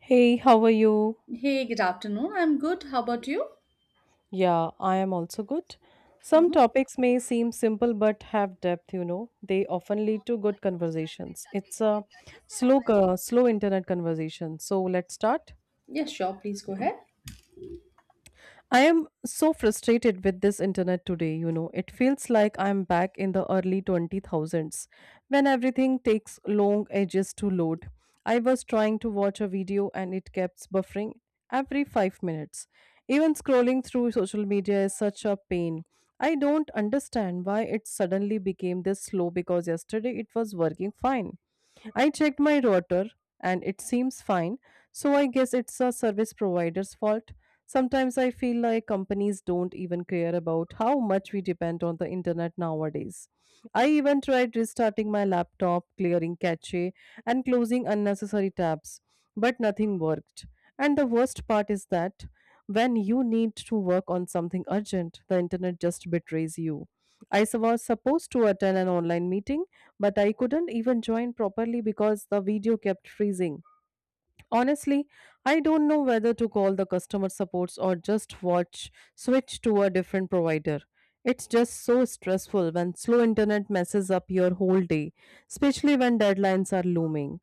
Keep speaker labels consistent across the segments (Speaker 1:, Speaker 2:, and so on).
Speaker 1: Hey, how are you?
Speaker 2: Hey, good afternoon. I'm good. How about you?
Speaker 1: Yeah, I am also good. Some
Speaker 2: Mm-hmm.
Speaker 1: topics may seem simple but have depth, you know. They often lead to good conversations. It's a slow internet conversation. So let's start.
Speaker 2: Yes, sure. Please go ahead.
Speaker 1: I am so frustrated with this internet today, you know. It feels like I'm back in the early 20,000s when everything takes long ages to load. I was trying to watch a video and it kept buffering every 5 minutes. Even scrolling through social media is such a pain. I don't understand why it suddenly became this slow because yesterday it was working fine. I checked my router and it seems fine, so I guess it's a service provider's fault. Sometimes I feel like companies don't even care about how much we depend on the internet nowadays. I even tried restarting my laptop, clearing cache, and closing unnecessary tabs, but nothing worked. And the worst part is that when you need to work on something urgent, the internet just betrays you. Was supposed to attend an online meeting, but I couldn't even join properly because the video kept freezing. Honestly, I don't know whether to call the customer supports or just watch switch to a different provider. It's just so stressful when slow internet messes up your whole day, especially when deadlines are looming.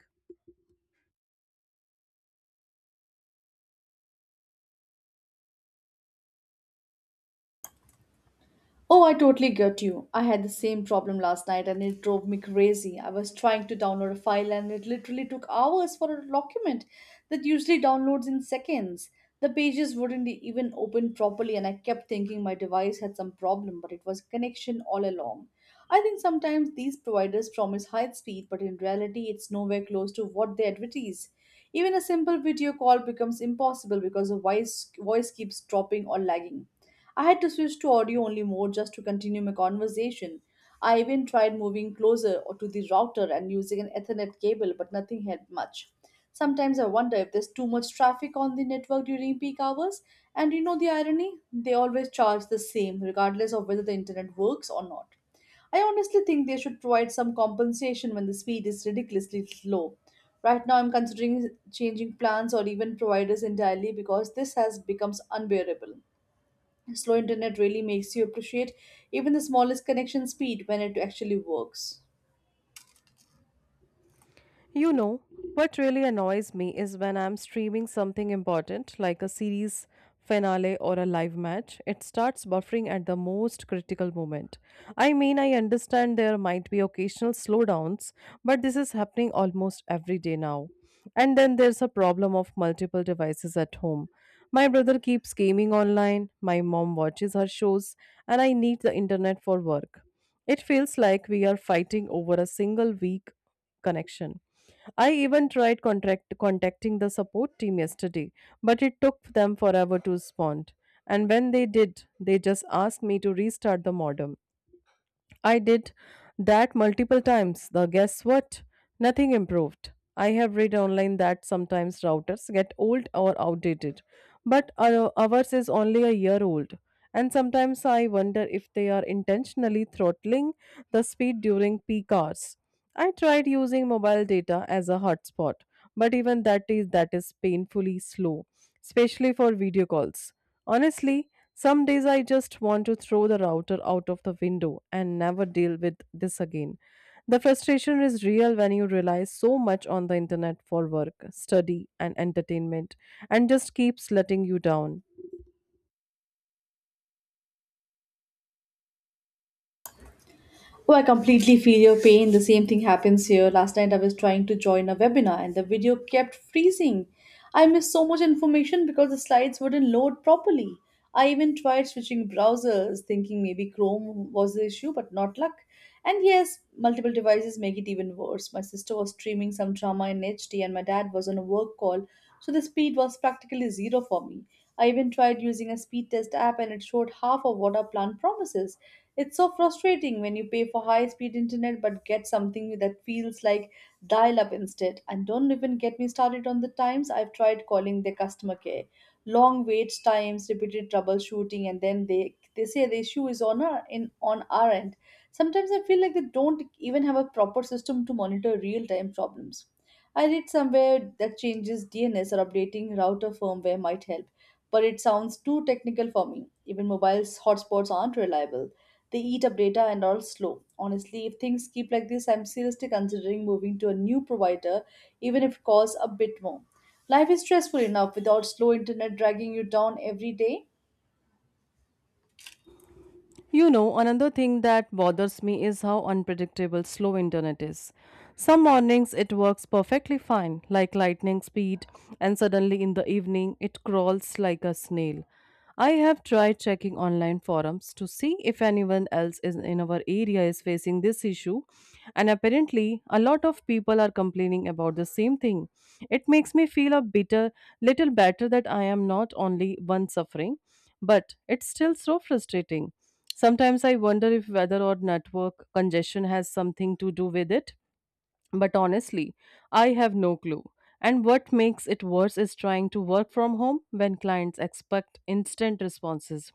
Speaker 2: Oh, I totally get you. I had the same problem last night and it drove me crazy. I was trying to download a file and it literally took hours for a document that usually downloads in seconds. The pages wouldn't even open properly and I kept thinking my device had some problem, but it was connection all along. I think sometimes these providers promise high speed, but in reality, it's nowhere close to what they advertise. Even a simple video call becomes impossible because the voice keeps dropping or lagging. I had to switch to audio only mode just to continue my conversation. I even tried moving closer to the router and using an Ethernet cable, but nothing helped much. Sometimes I wonder if there's too much traffic on the network during peak hours. And you know the irony? They always charge the same, regardless of whether the internet works or not. I honestly think they should provide some compensation when the speed is ridiculously slow. Right now, I'm considering changing plans or even providers entirely because this has become unbearable. Slow internet really makes you appreciate even the smallest connection speed when it actually works.
Speaker 1: You know, what really annoys me is when I'm streaming something important like a series finale or a live match, it starts buffering at the most critical moment. I mean, I understand there might be occasional slowdowns, but this is happening almost every day now. And then there's a problem of multiple devices at home. My brother keeps gaming online, my mom watches her shows, and I need the internet for work. It feels like we are fighting over a single week connection. I even tried contract contacting the support team yesterday, but it took them forever to respond. And when they did, they just asked me to restart the modem. I did that multiple times. The guess what? Nothing improved. I have read online that sometimes routers get old or outdated, but ours is only a year old. And sometimes I wonder if they are intentionally throttling the speed during peak hours. I tried using mobile data as a hotspot, but even that is painfully slow, especially for video calls. Honestly, some days I just want to throw the router out of the window and never deal with this again. The frustration is real when you rely so much on the internet for work, study, and entertainment, and just keeps letting you down.
Speaker 2: Oh, I completely feel your pain. The same thing happens here. Last night I was trying to join a webinar and the video kept freezing. I missed so much information because the slides wouldn't load properly. I even tried switching browsers, thinking maybe Chrome was the issue, but not luck. And yes, multiple devices make it even worse. My sister was streaming some drama in HD, and my dad was on a work call, so the speed was practically zero for me. I even tried using a speed test app and it showed half of what our plan promises. It's so frustrating when you pay for high speed internet but get something that feels like dial up instead. And don't even get me started on the times I've tried calling their customer care. Long wait times, repeated troubleshooting, and then they say the issue is on our in on our end. Sometimes I feel like they don't even have a proper system to monitor real time problems. I read somewhere that changes DNS or updating router firmware might help, but it sounds too technical for me. Even mobile hotspots aren't reliable. They eat up data and are slow. Honestly, if things keep like this, I'm seriously considering moving to a new provider, even if it costs a bit more. Life is stressful enough without slow internet dragging you down every day.
Speaker 1: You know, another thing that bothers me is how unpredictable slow internet is. Some mornings it works perfectly fine, like lightning speed, and suddenly in the evening it crawls like a snail. I have tried checking online forums to see if anyone else is in our area is facing this issue, and apparently a lot of people are complaining about the same thing. It makes me feel a bitter little better that I am not only one suffering, but it's still so frustrating. Sometimes I wonder if whether or network congestion has something to do with it. But honestly, I have no clue. And what makes it worse is trying to work from home when clients expect instant responses.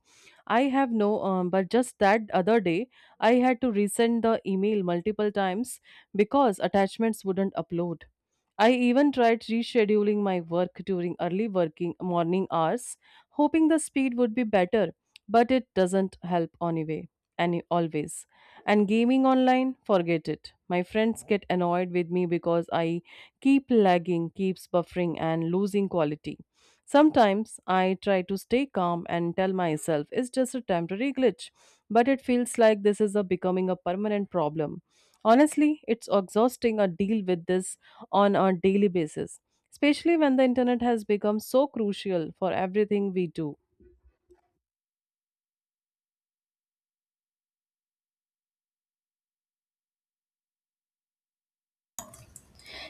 Speaker 1: I have no, but just that other day, I had to resend the email multiple times because attachments wouldn't upload. I even tried rescheduling my work during early working morning hours, hoping the speed would be better, but it doesn't help anyway, and always. And gaming online, forget it. My friends get annoyed with me because I keep lagging, keeps buffering, and losing quality. Sometimes I try to stay calm and tell myself it's just a temporary glitch, but it feels like this is a becoming a permanent problem. Honestly, it's exhausting to deal with this on a daily basis, especially when the internet has become so crucial for everything we do.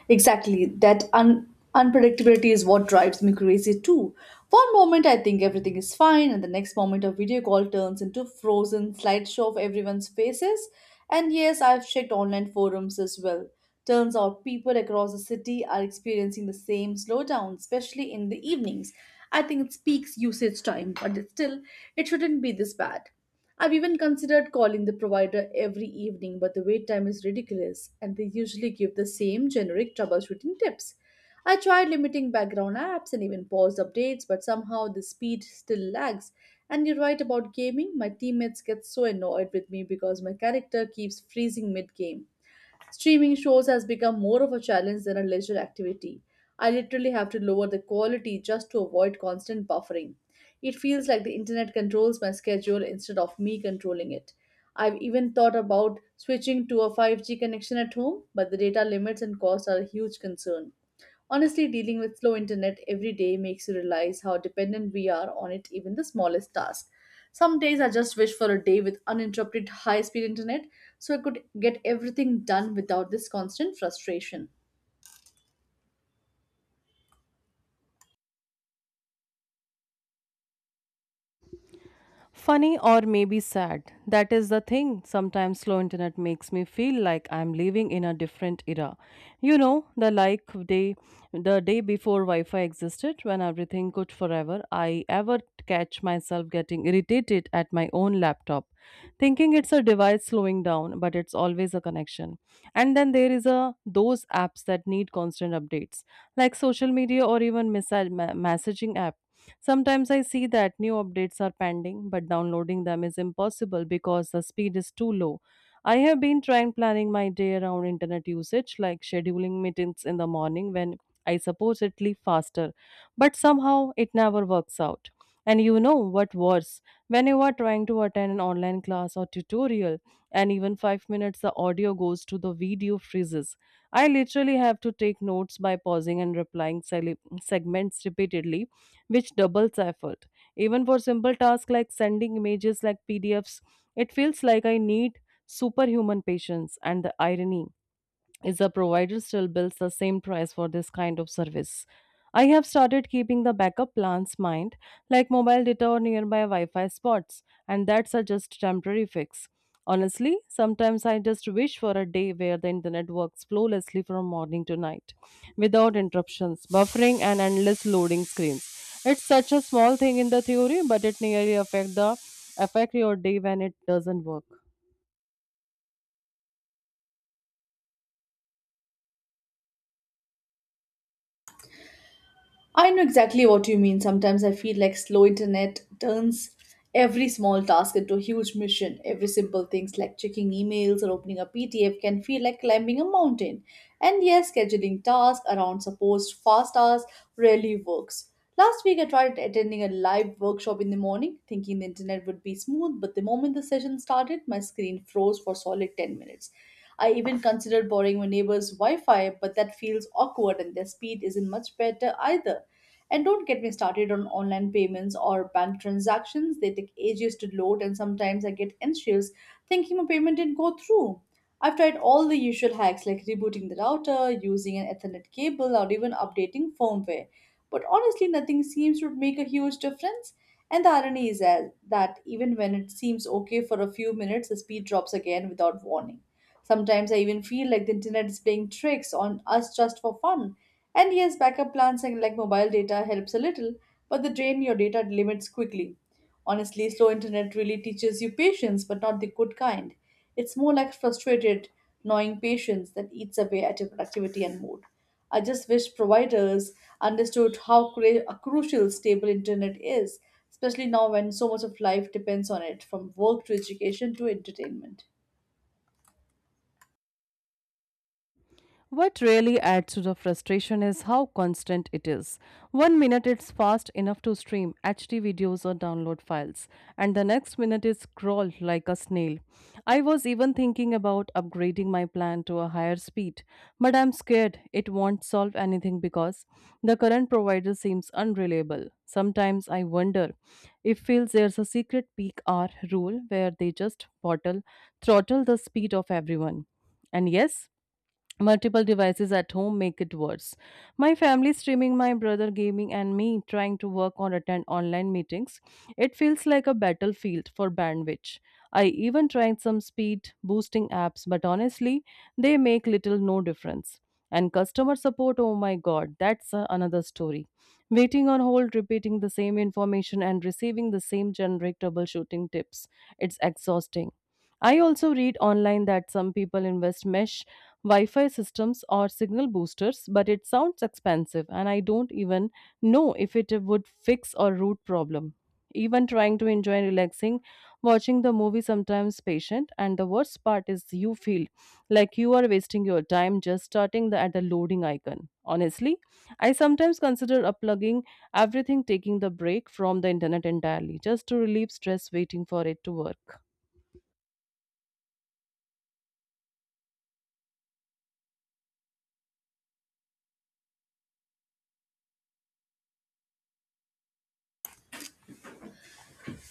Speaker 2: Exactly. Unpredictability is what drives me crazy too. One moment I think everything is fine, and the next moment a video call turns into frozen slideshow of everyone's faces. And yes, I've checked online forums as well. Turns out people across the city are experiencing the same slowdown, especially in the evenings. I think it speaks usage time, but still, it shouldn't be this bad. I've even considered calling the provider every evening, but the wait time is ridiculous and they usually give the same generic troubleshooting tips. I tried limiting background apps and even paused updates, but somehow the speed still lags. And you're right about gaming, my teammates get so annoyed with me because my character keeps freezing mid game. Streaming shows has become more of a challenge than a leisure activity. I literally have to lower the quality just to avoid constant buffering. It feels like the internet controls my schedule instead of me controlling it. I've even thought about switching to a 5G connection at home, but the data limits and costs are a huge concern. Honestly, dealing with slow internet every day makes you realize how dependent we are on it, even the smallest task. Some days I just wish for a day with uninterrupted high speed internet so I could get everything done without this constant frustration.
Speaker 1: Funny or maybe sad. That is the thing. Sometimes slow internet makes me feel like I'm living in a different era. You know, the day before Wi-Fi existed when everything could forever, I ever catch myself getting irritated at my own laptop, thinking it's a device slowing down, but it's always a connection. And then there is a those apps that need constant updates, like social media or even messaging apps. Sometimes I see that new updates are pending, but downloading them is impossible because the speed is too low. I have been trying planning my day around internet usage, like scheduling meetings in the morning when I supposedly faster, but somehow it never works out. And you know what worse? When you are trying to attend an online class or tutorial, and even 5 minutes the audio goes to the video freezes. I literally have to take notes by pausing and replying segments repeatedly which doubles effort. Even for simple tasks like sending images like PDFs, it feels like I need superhuman patience and the irony is the provider still bills the same price for this kind of service. I have started keeping the backup plans mind, like mobile data or nearby Wi Fi spots, and that's a just temporary fix. Honestly, sometimes I just wish for a day where the internet works flawlessly from morning to night, without interruptions, buffering, and endless loading screens. It's such a small thing in the theory, but it nearly affect your day when it doesn't work.
Speaker 2: I know exactly what you mean. Sometimes I feel like slow internet turns every small task into a huge mission. Every simple things like checking emails or opening a PDF can feel like climbing a mountain. And yes, scheduling tasks around supposed fast hours rarely works. Last week, I tried attending a live workshop in the morning, thinking the internet would be smooth, but the moment the session started, my screen froze for solid 10 minutes. I even considered borrowing my neighbor's Wi Fi, but that feels awkward and their speed isn't much better either. And don't get me started on online payments or bank transactions, they take ages to load, and sometimes I get anxious thinking my payment didn't go through. I've tried all the usual hacks like rebooting the router, using an Ethernet cable, or even updating firmware. But honestly, nothing seems to make a huge difference. And the irony is that even when it seems okay for a few minutes, the speed drops again without warning. Sometimes I even feel like the internet is playing tricks on us just for fun. And yes, backup plans and like mobile data helps a little, but they drain your data limits quickly. Honestly, slow internet really teaches you patience, but not the good kind. It's more like frustrated, gnawing patience that eats away at your productivity and mood. I just wish providers understood how crucial stable internet is, especially now when so much of life depends on it, from work to education to entertainment.
Speaker 1: What really adds to the frustration is how constant it is. One minute it's fast enough to stream HD videos or download files, and the next minute it's scrolls like a snail. I was even thinking about upgrading my plan to a higher speed, but I'm scared it won't solve anything because the current provider seems unreliable. Sometimes I wonder if feels there's a secret peak hour rule where they just bottle throttle the speed of everyone. And yes, multiple devices at home make it worse. My family streaming, my brother gaming, and me trying to work or attend online meetings. It feels like a battlefield for bandwidth. I even tried some speed boosting apps, but honestly, they make little no difference. And customer support, oh my god, that's another story. Waiting on hold, repeating the same information, and receiving the same generic troubleshooting tips. It's exhausting. I also read online that some people invest mesh Wi Fi systems or signal boosters, but it sounds expensive, and I don't even know if it would fix or root problem. Even trying to enjoy relaxing, watching the movie sometimes patient, and the worst part is you feel like you are wasting your time just at the loading icon. Honestly, I sometimes consider unplugging everything, taking the break from the internet entirely, just to relieve stress waiting for it to work.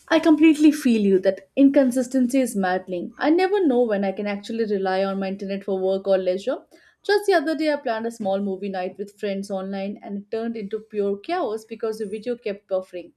Speaker 2: I completely feel you that inconsistency is maddening. I never know when I can actually rely on my internet for work or leisure. Just the other day, I planned a small movie night with friends online and it turned into pure chaos because the video kept buffering.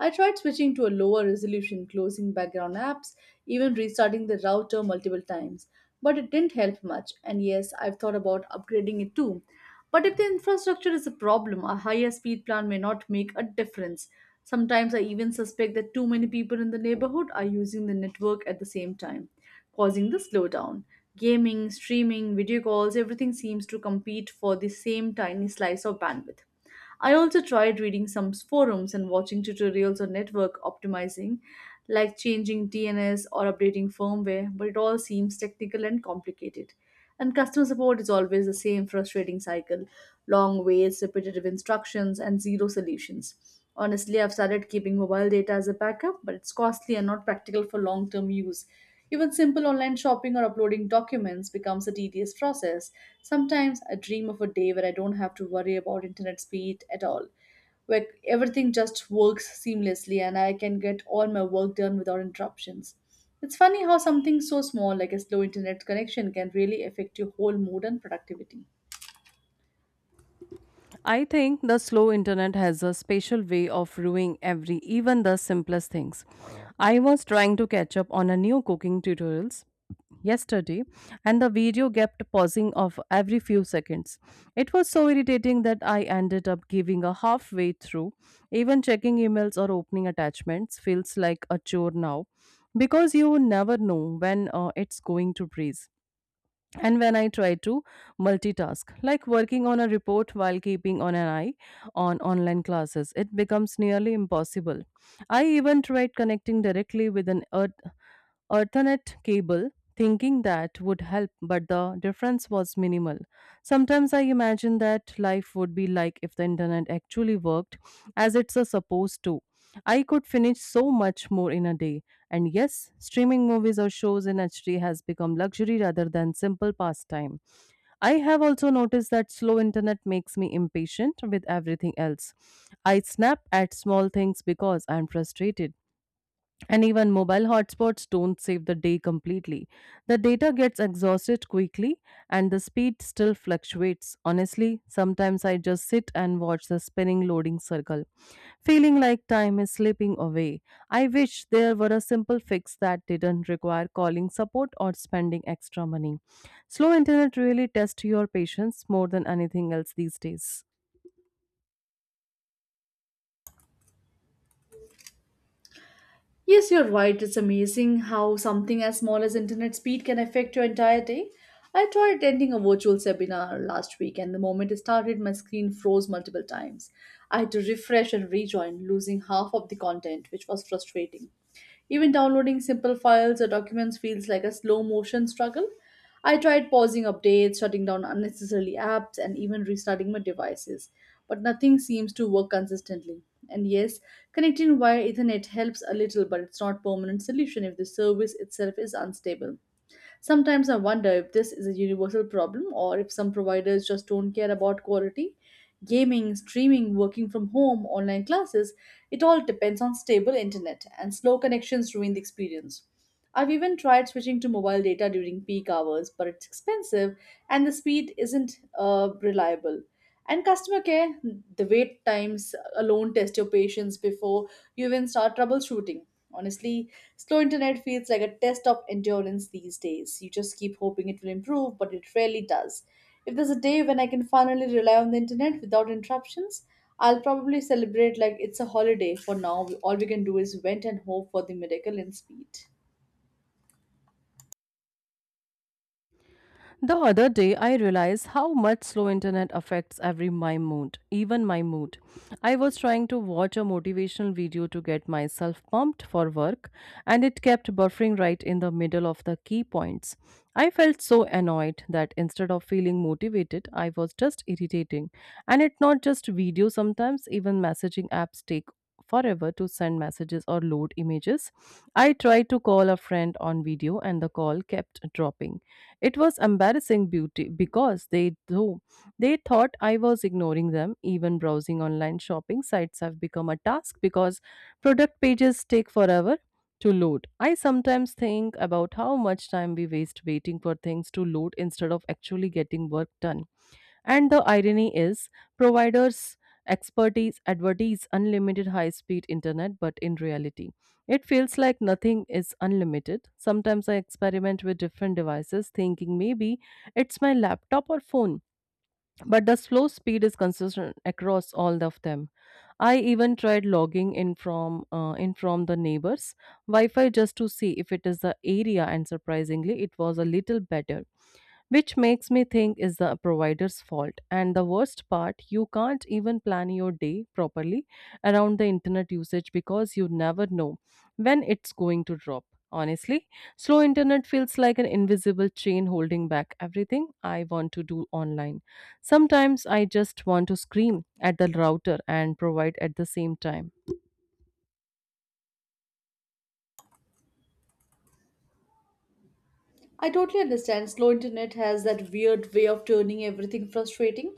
Speaker 2: I tried switching to a lower resolution, closing background apps, even restarting the router multiple times, but it didn't help much. And yes, I've thought about upgrading it too, but if the infrastructure is a problem, a higher speed plan may not make a difference. Sometimes I even suspect that too many people in the neighborhood are using the network at the same time, causing the slowdown. Gaming, streaming, video calls, everything seems to compete for the same tiny slice of bandwidth. I also tried reading some forums and watching tutorials on network optimizing, like changing DNS or updating firmware, but it all seems technical and complicated. And customer support is always the same frustrating cycle long waits, repetitive instructions, and zero solutions. Honestly, I've started keeping mobile data as a backup, but it's costly and not practical for long term use. Even simple online shopping or uploading documents becomes a tedious process. Sometimes I dream of a day where I don't have to worry about internet speed at all, where everything just works seamlessly and I can get all my work done without interruptions. It's funny how something so small like a slow internet connection can really affect your whole mood and productivity.
Speaker 1: I think the slow internet has a special way of ruining every, even the simplest things. I was trying to catch up on a new cooking tutorials yesterday and the video kept pausing off every few seconds. It was so irritating that I ended up giving a halfway through. Even checking emails or opening attachments feels like a chore now because you never know when it's going to breathe. And when I try to multitask like working on a report while keeping on an eye on online classes, it becomes nearly impossible. I even tried connecting directly with an earth alternate cable, thinking that would help, but the difference was minimal. Sometimes I imagine that life would be like if the internet actually worked as it's a supposed to. I could finish so much more in a day. And yes, streaming movies or shows in HD has become luxury rather than simple pastime. I have also noticed that slow internet makes me impatient with everything else. I snap at small things because I'm frustrated, and even mobile hotspots don't save the day completely. The data gets exhausted quickly and the speed still fluctuates. Honestly, sometimes I just sit and watch the spinning loading circle, feeling like time is slipping away. I wish there were a simple fix that didn't require calling support or spending extra money. Slow internet really tests your patience more than anything else these days.
Speaker 2: Yes, you're right. It's amazing how something as small as internet speed can affect your entire day. I tried attending a virtual seminar last week, and the moment it started, my screen froze multiple times. I had to refresh and rejoin, losing half of the content, which was frustrating. Even downloading simple files or documents feels like a slow motion struggle. I tried pausing updates, shutting down unnecessary apps, and even restarting my devices, but nothing seems to work consistently. And yes, connecting via Ethernet helps a little, but it's not a permanent solution if the service itself is unstable. Sometimes I wonder if this is a universal problem or if some providers just don't care about quality. Gaming, streaming, working from home, online classes, it all depends on stable internet, and slow connections ruin the experience. I've even tried switching to mobile data during peak hours, but it's expensive and the speed isn't reliable. And customer care, the wait times alone test your patience before you even start troubleshooting. Honestly, slow internet feels like a test of endurance these days. You just keep hoping it will improve, but it rarely does. If there's a day when I can finally rely on the internet without interruptions, I'll probably celebrate like it's a holiday. For now, all we can do is vent and hope for the miracle in speed.
Speaker 1: The other day, I realized how much slow internet affects every my mood, even my mood. I was trying to watch a motivational video to get myself pumped for work, and it kept buffering right in the middle of the key points. I felt so annoyed that instead of feeling motivated, I was just irritating. And it not just video, sometimes even messaging apps take forever to send messages or load images. I tried to call a friend on video and the call kept dropping. It was embarrassing beauty because they thought I was ignoring them. Even browsing online shopping sites have become a task because product pages take forever to load. I sometimes think about how much time we waste waiting for things to load instead of actually getting work done. And the irony is, providers expertise advertise unlimited high speed internet, but in reality, it feels like nothing is unlimited. Sometimes I experiment with different devices, thinking maybe it's my laptop or phone, but the slow speed is consistent across all of them. I even tried logging in from the neighbors Wi-Fi just to see if it is the area, and surprisingly, it was a little better which makes me think is the provider's fault. And the worst part, you can't even plan your day properly around the internet usage because you never know when it's going to drop. Honestly, slow internet feels like an invisible chain holding back everything I want to do online. Sometimes I just want to scream at the router and provide at the same time.
Speaker 2: I totally understand. Slow internet has that weird way of turning everything frustrating.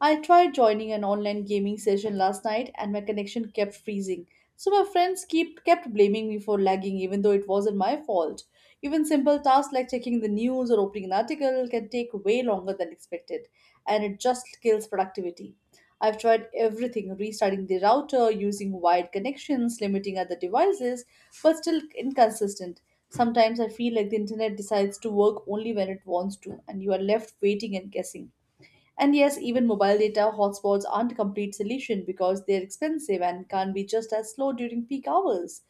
Speaker 2: I tried joining an online gaming session last night and my connection kept freezing. So my friends keep kept blaming me for lagging even though it wasn't my fault. Even simple tasks like checking the news or opening an article can take way longer than expected and it just kills productivity. I've tried everything, restarting the router, using wired connections, limiting other devices, but still inconsistent. Sometimes I feel like the internet decides to work only when it wants to, and you are left waiting and guessing. And yes, even mobile data hotspots aren't a complete solution because they're expensive and can be just as slow during peak hours.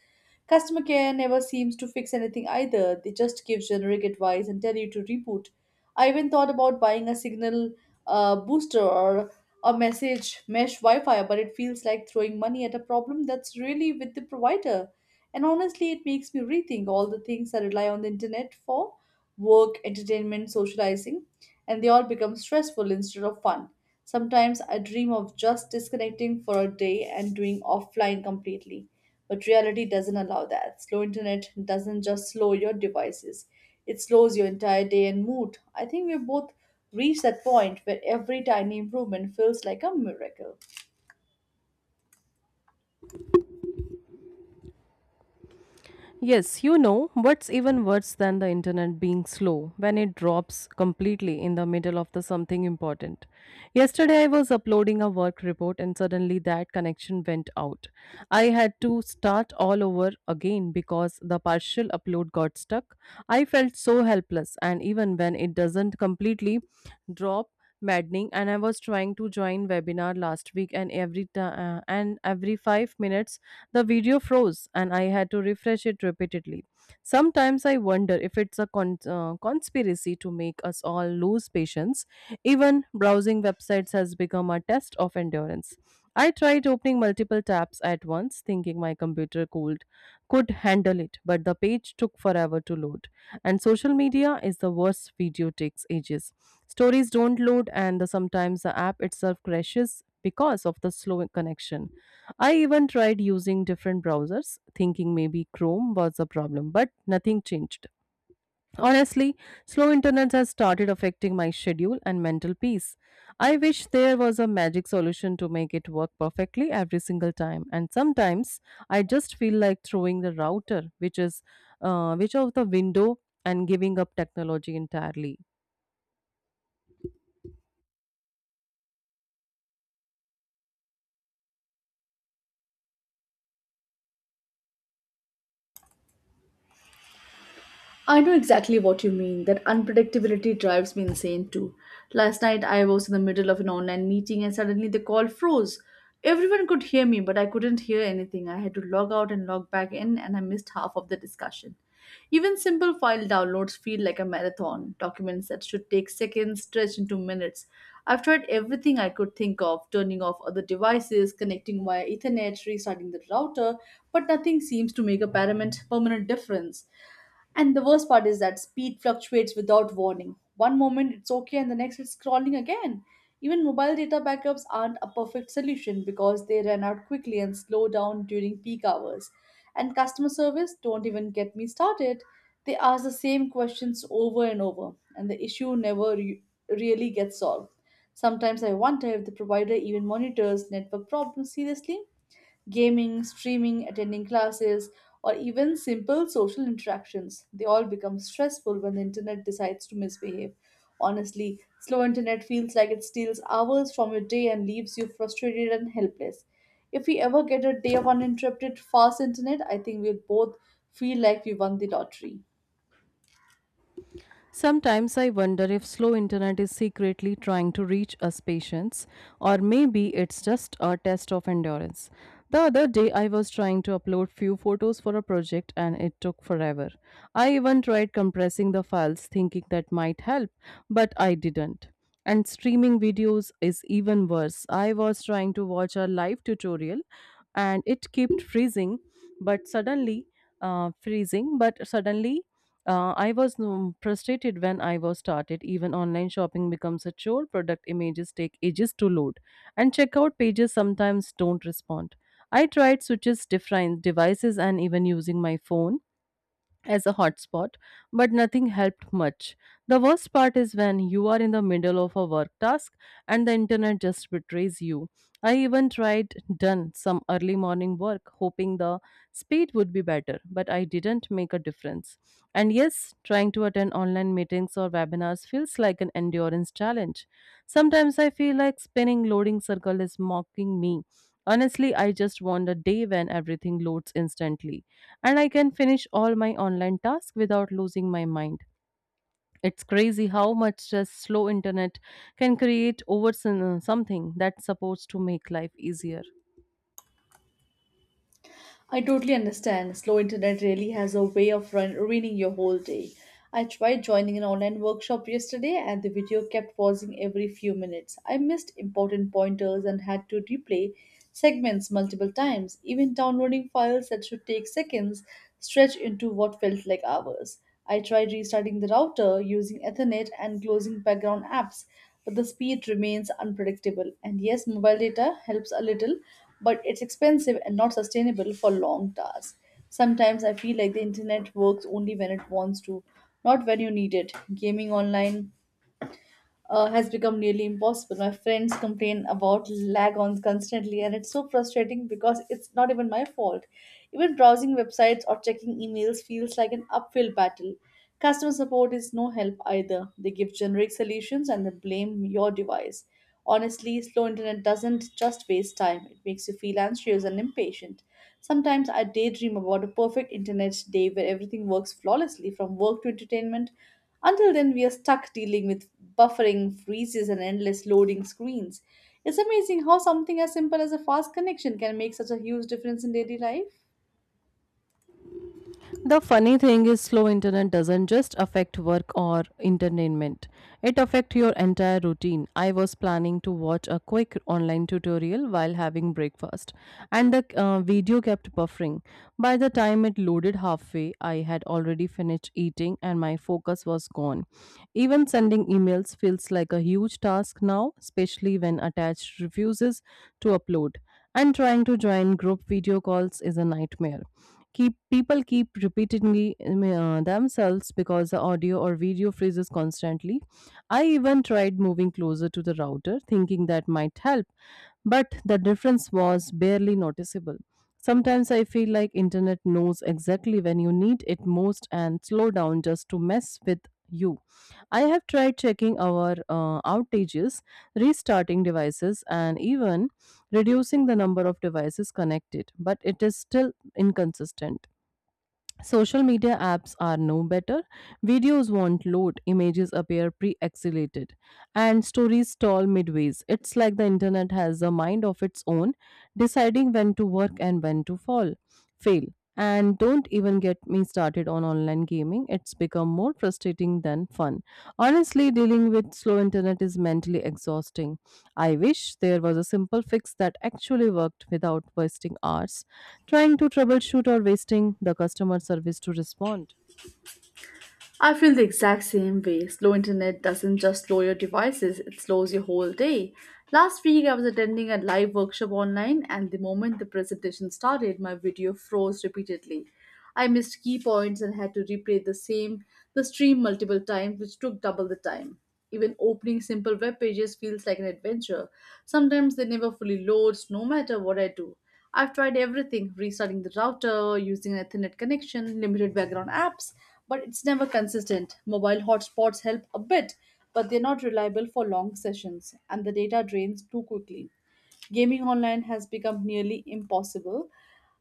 Speaker 2: Customer care never seems to fix anything either. They just give generic advice and tell you to reboot. I even thought about buying a signal booster or a message mesh Wi Fi, but it feels like throwing money at a problem that's really with the provider. And honestly, it makes me rethink all the things I rely on the internet for: work, entertainment, socializing, and they all become stressful instead of fun. Sometimes I dream of just disconnecting for a day and doing offline completely, but reality doesn't allow that. Slow internet doesn't just slow your devices, it slows your entire day and mood. I think we both reach that point where every tiny improvement feels like a miracle.
Speaker 1: Yes, you know, what's even worse than the internet being slow when it drops completely in the middle of the something important. Yesterday I was uploading a work report and suddenly that connection went out. I had to start all over again because the partial upload got stuck. I felt so helpless. And even when it doesn't completely drop maddening, and I was trying to join webinar last week and every 5 minutes the video froze and I had to refresh it repeatedly. Sometimes I wonder if it's a conspiracy to make us all lose patience. Even browsing websites has become a test of endurance. I tried opening multiple tabs at once, thinking my could handle it, but the page took forever to load. And social media is the worst, video takes ages. Stories don't load, and sometimes the app itself crashes because of the slow connection. I even tried using different browsers, thinking maybe Chrome was the problem, but nothing changed. Honestly, slow internet has started affecting my schedule and mental peace. I wish there was a magic solution to make it work perfectly every single time. And sometimes I just feel like throwing the router, which of the window, and giving up technology entirely.
Speaker 2: I know exactly what you mean. That unpredictability drives me insane too. Last night I was in the middle of an online meeting and suddenly the call froze. Everyone could hear me, but I couldn't hear anything. I had to log out and log back in, and I missed half of the discussion. Even simple file downloads feel like a marathon. Documents that should take seconds stretch into minutes. I've tried everything I could think of: turning off other devices, connecting via Ethernet, restarting the router, but nothing seems to make a permanent difference. And the worst part is that speed fluctuates without warning. One moment it's okay, and the next it's crawling again. Even mobile data backups aren't a perfect solution because they run out quickly and slow down during peak hours. And customer service, don't even get me started. They ask the same questions over and over, and the issue never really gets solved. Sometimes I wonder if the provider even monitors network problems seriously. Gaming, streaming, attending classes, or even simple social interactions. They all become stressful when the internet decides to misbehave. Honestly, slow internet feels like it steals hours from your day and leaves you frustrated and helpless. If we ever get a day of uninterrupted fast internet, I think we'll both feel like we won the lottery.
Speaker 1: Sometimes I wonder if slow internet is secretly trying to reach us patients, or maybe it's just a test of endurance. The other day I was trying to upload few photos for a project and it took forever. I even tried compressing the files thinking that might help, but I didn't. And streaming videos is even worse. I was trying to watch a live tutorial and it kept but suddenly freezing, but suddenly I was frustrated when I was started. Even online shopping becomes a chore. Product images take ages to load, and checkout pages sometimes don't respond. I tried switches, different devices, and even using my phone as a hotspot, but nothing helped much. The worst part is when you are in the middle of a work task and the internet just betrays you. I even tried done some early morning work hoping the speed would be better, but I didn't make a difference. And yes, trying to attend online meetings or webinars feels like an endurance challenge. Sometimes I feel like spinning loading circle is mocking me. Honestly, I just want a day when everything loads instantly and I can finish all my online tasks without losing my mind. It's crazy how much just slow internet can create over something that's supposed to make life easier.
Speaker 2: I totally understand. Slow internet really has a way of ruining your whole day. I tried joining an online workshop yesterday and the video kept pausing every few minutes. I missed important pointers and had to replay segments multiple times. Even downloading files that should take seconds stretched into what felt like hours. I tried restarting the router, using Ethernet and closing background apps, but the speed remains unpredictable. And yes, mobile data helps a little, but it's expensive and not sustainable for long tasks. Sometimes I feel like the internet works only when it wants to, not when you need it. Gaming online has become nearly impossible. My friends complain about lag on constantly, and it's so frustrating because it's not even my fault. Even browsing websites or checking emails feels like an uphill battle. Customer support is no help either. They give generic solutions and they blame your device. Honestly, slow internet doesn't just waste time, it makes you feel anxious and impatient. Sometimes I daydream about a perfect internet day where everything works flawlessly from work to entertainment. Until then, we are stuck dealing with buffering, freezes, and endless loading screens. It's amazing how something as simple as a fast connection can make such a huge difference in daily life.
Speaker 1: The funny thing is slow internet doesn't just affect work or entertainment. It affects your entire routine. I was planning to watch a quick online tutorial while having breakfast and the video kept buffering. By the time it loaded halfway, I had already finished eating and my focus was gone. Even sending emails feels like a huge task now, especially when attached refuses to upload. And trying to join group video calls is a nightmare. Keep people keep repeating themselves because the audio or video freezes constantly. I even tried moving closer to the router, thinking that might help, but the difference was barely noticeable. Sometimes I feel like internet knows exactly when you need it most and slow down just to mess with you. I have tried checking our outages, restarting devices, and even reducing the number of devices connected, but it is still inconsistent. Social media apps are no better. Videos won't load, images appear pre exhalated, and stories stall midways. It's like the internet has a mind of its own, deciding when to work and when to fail. And don't even get me started on online gaming, it's become more frustrating than fun. Honestly, dealing with slow internet is mentally exhausting. I wish there was a simple fix that actually worked without wasting hours trying to troubleshoot or wasting the customer service to respond.
Speaker 2: I feel the exact same way. Slow internet doesn't just slow your devices, it slows your whole day. Last week, I was attending a live workshop online, and the moment the presentation started, my video froze repeatedly. I missed key points and had to replay the stream multiple times, which took double the time. Even opening simple web pages feels like an adventure. Sometimes they never fully loads, no matter what I do. I've tried everything: restarting the router, using an Ethernet connection, limited background apps, but it's never consistent. Mobile hotspots help a bit, but they're not reliable for long sessions, and the data drains too quickly. Gaming online has become nearly impossible.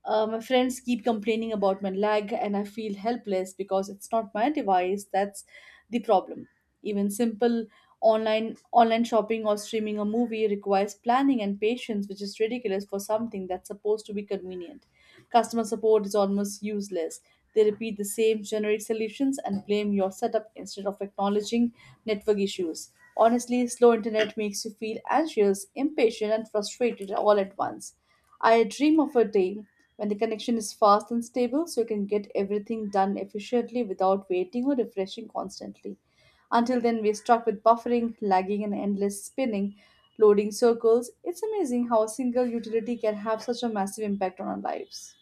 Speaker 2: My friends keep complaining about my lag, and I feel helpless because it's not my device that's the problem. Even simple online shopping or streaming a movie requires planning and patience, which is ridiculous for something that's supposed to be convenient. Customer support is almost useless. They repeat the same generic solutions and blame your setup instead of acknowledging network issues. Honestly, slow internet makes you feel anxious, impatient, and frustrated all at once. I dream of a day when the connection is fast and stable so you can get everything done efficiently without waiting or refreshing constantly. Until then, we're stuck with buffering, lagging, and endless spinning, loading circles. It's amazing how a single utility can have such a massive impact on our lives.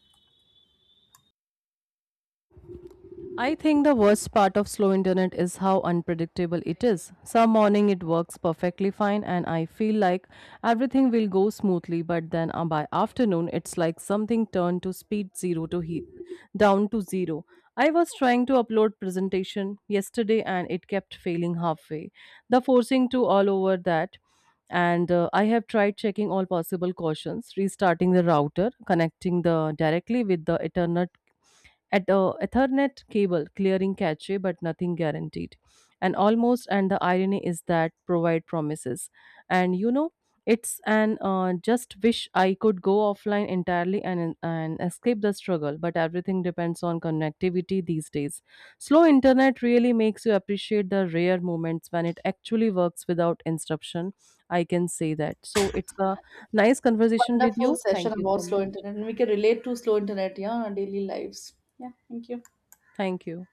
Speaker 1: I think the worst part of slow internet is how unpredictable it is. Some morning it works perfectly fine and I feel like everything will go smoothly, but then by afternoon it's like something turned to speed down to 0. I was trying to upload presentation yesterday and it kept failing halfway. The forcing to all over that, and I have tried checking all possible cautions, restarting the router, connecting the directly with the Ethernet cable clearing cache, but nothing guaranteed. And almost, and the irony is that provide promises. And you know, it's an just wish I could go offline entirely and escape the struggle. But everything depends on connectivity these days. Slow internet really makes you appreciate the rare moments when it actually works without interruption. I can say that. So it's a nice conversation with
Speaker 2: Wonderful
Speaker 1: you.
Speaker 2: session
Speaker 1: Thank you
Speaker 2: about
Speaker 1: so
Speaker 2: slow
Speaker 1: much.
Speaker 2: internet, and we can relate to slow internet, yeah, in our daily lives. Yeah, thank you.
Speaker 1: Thank you.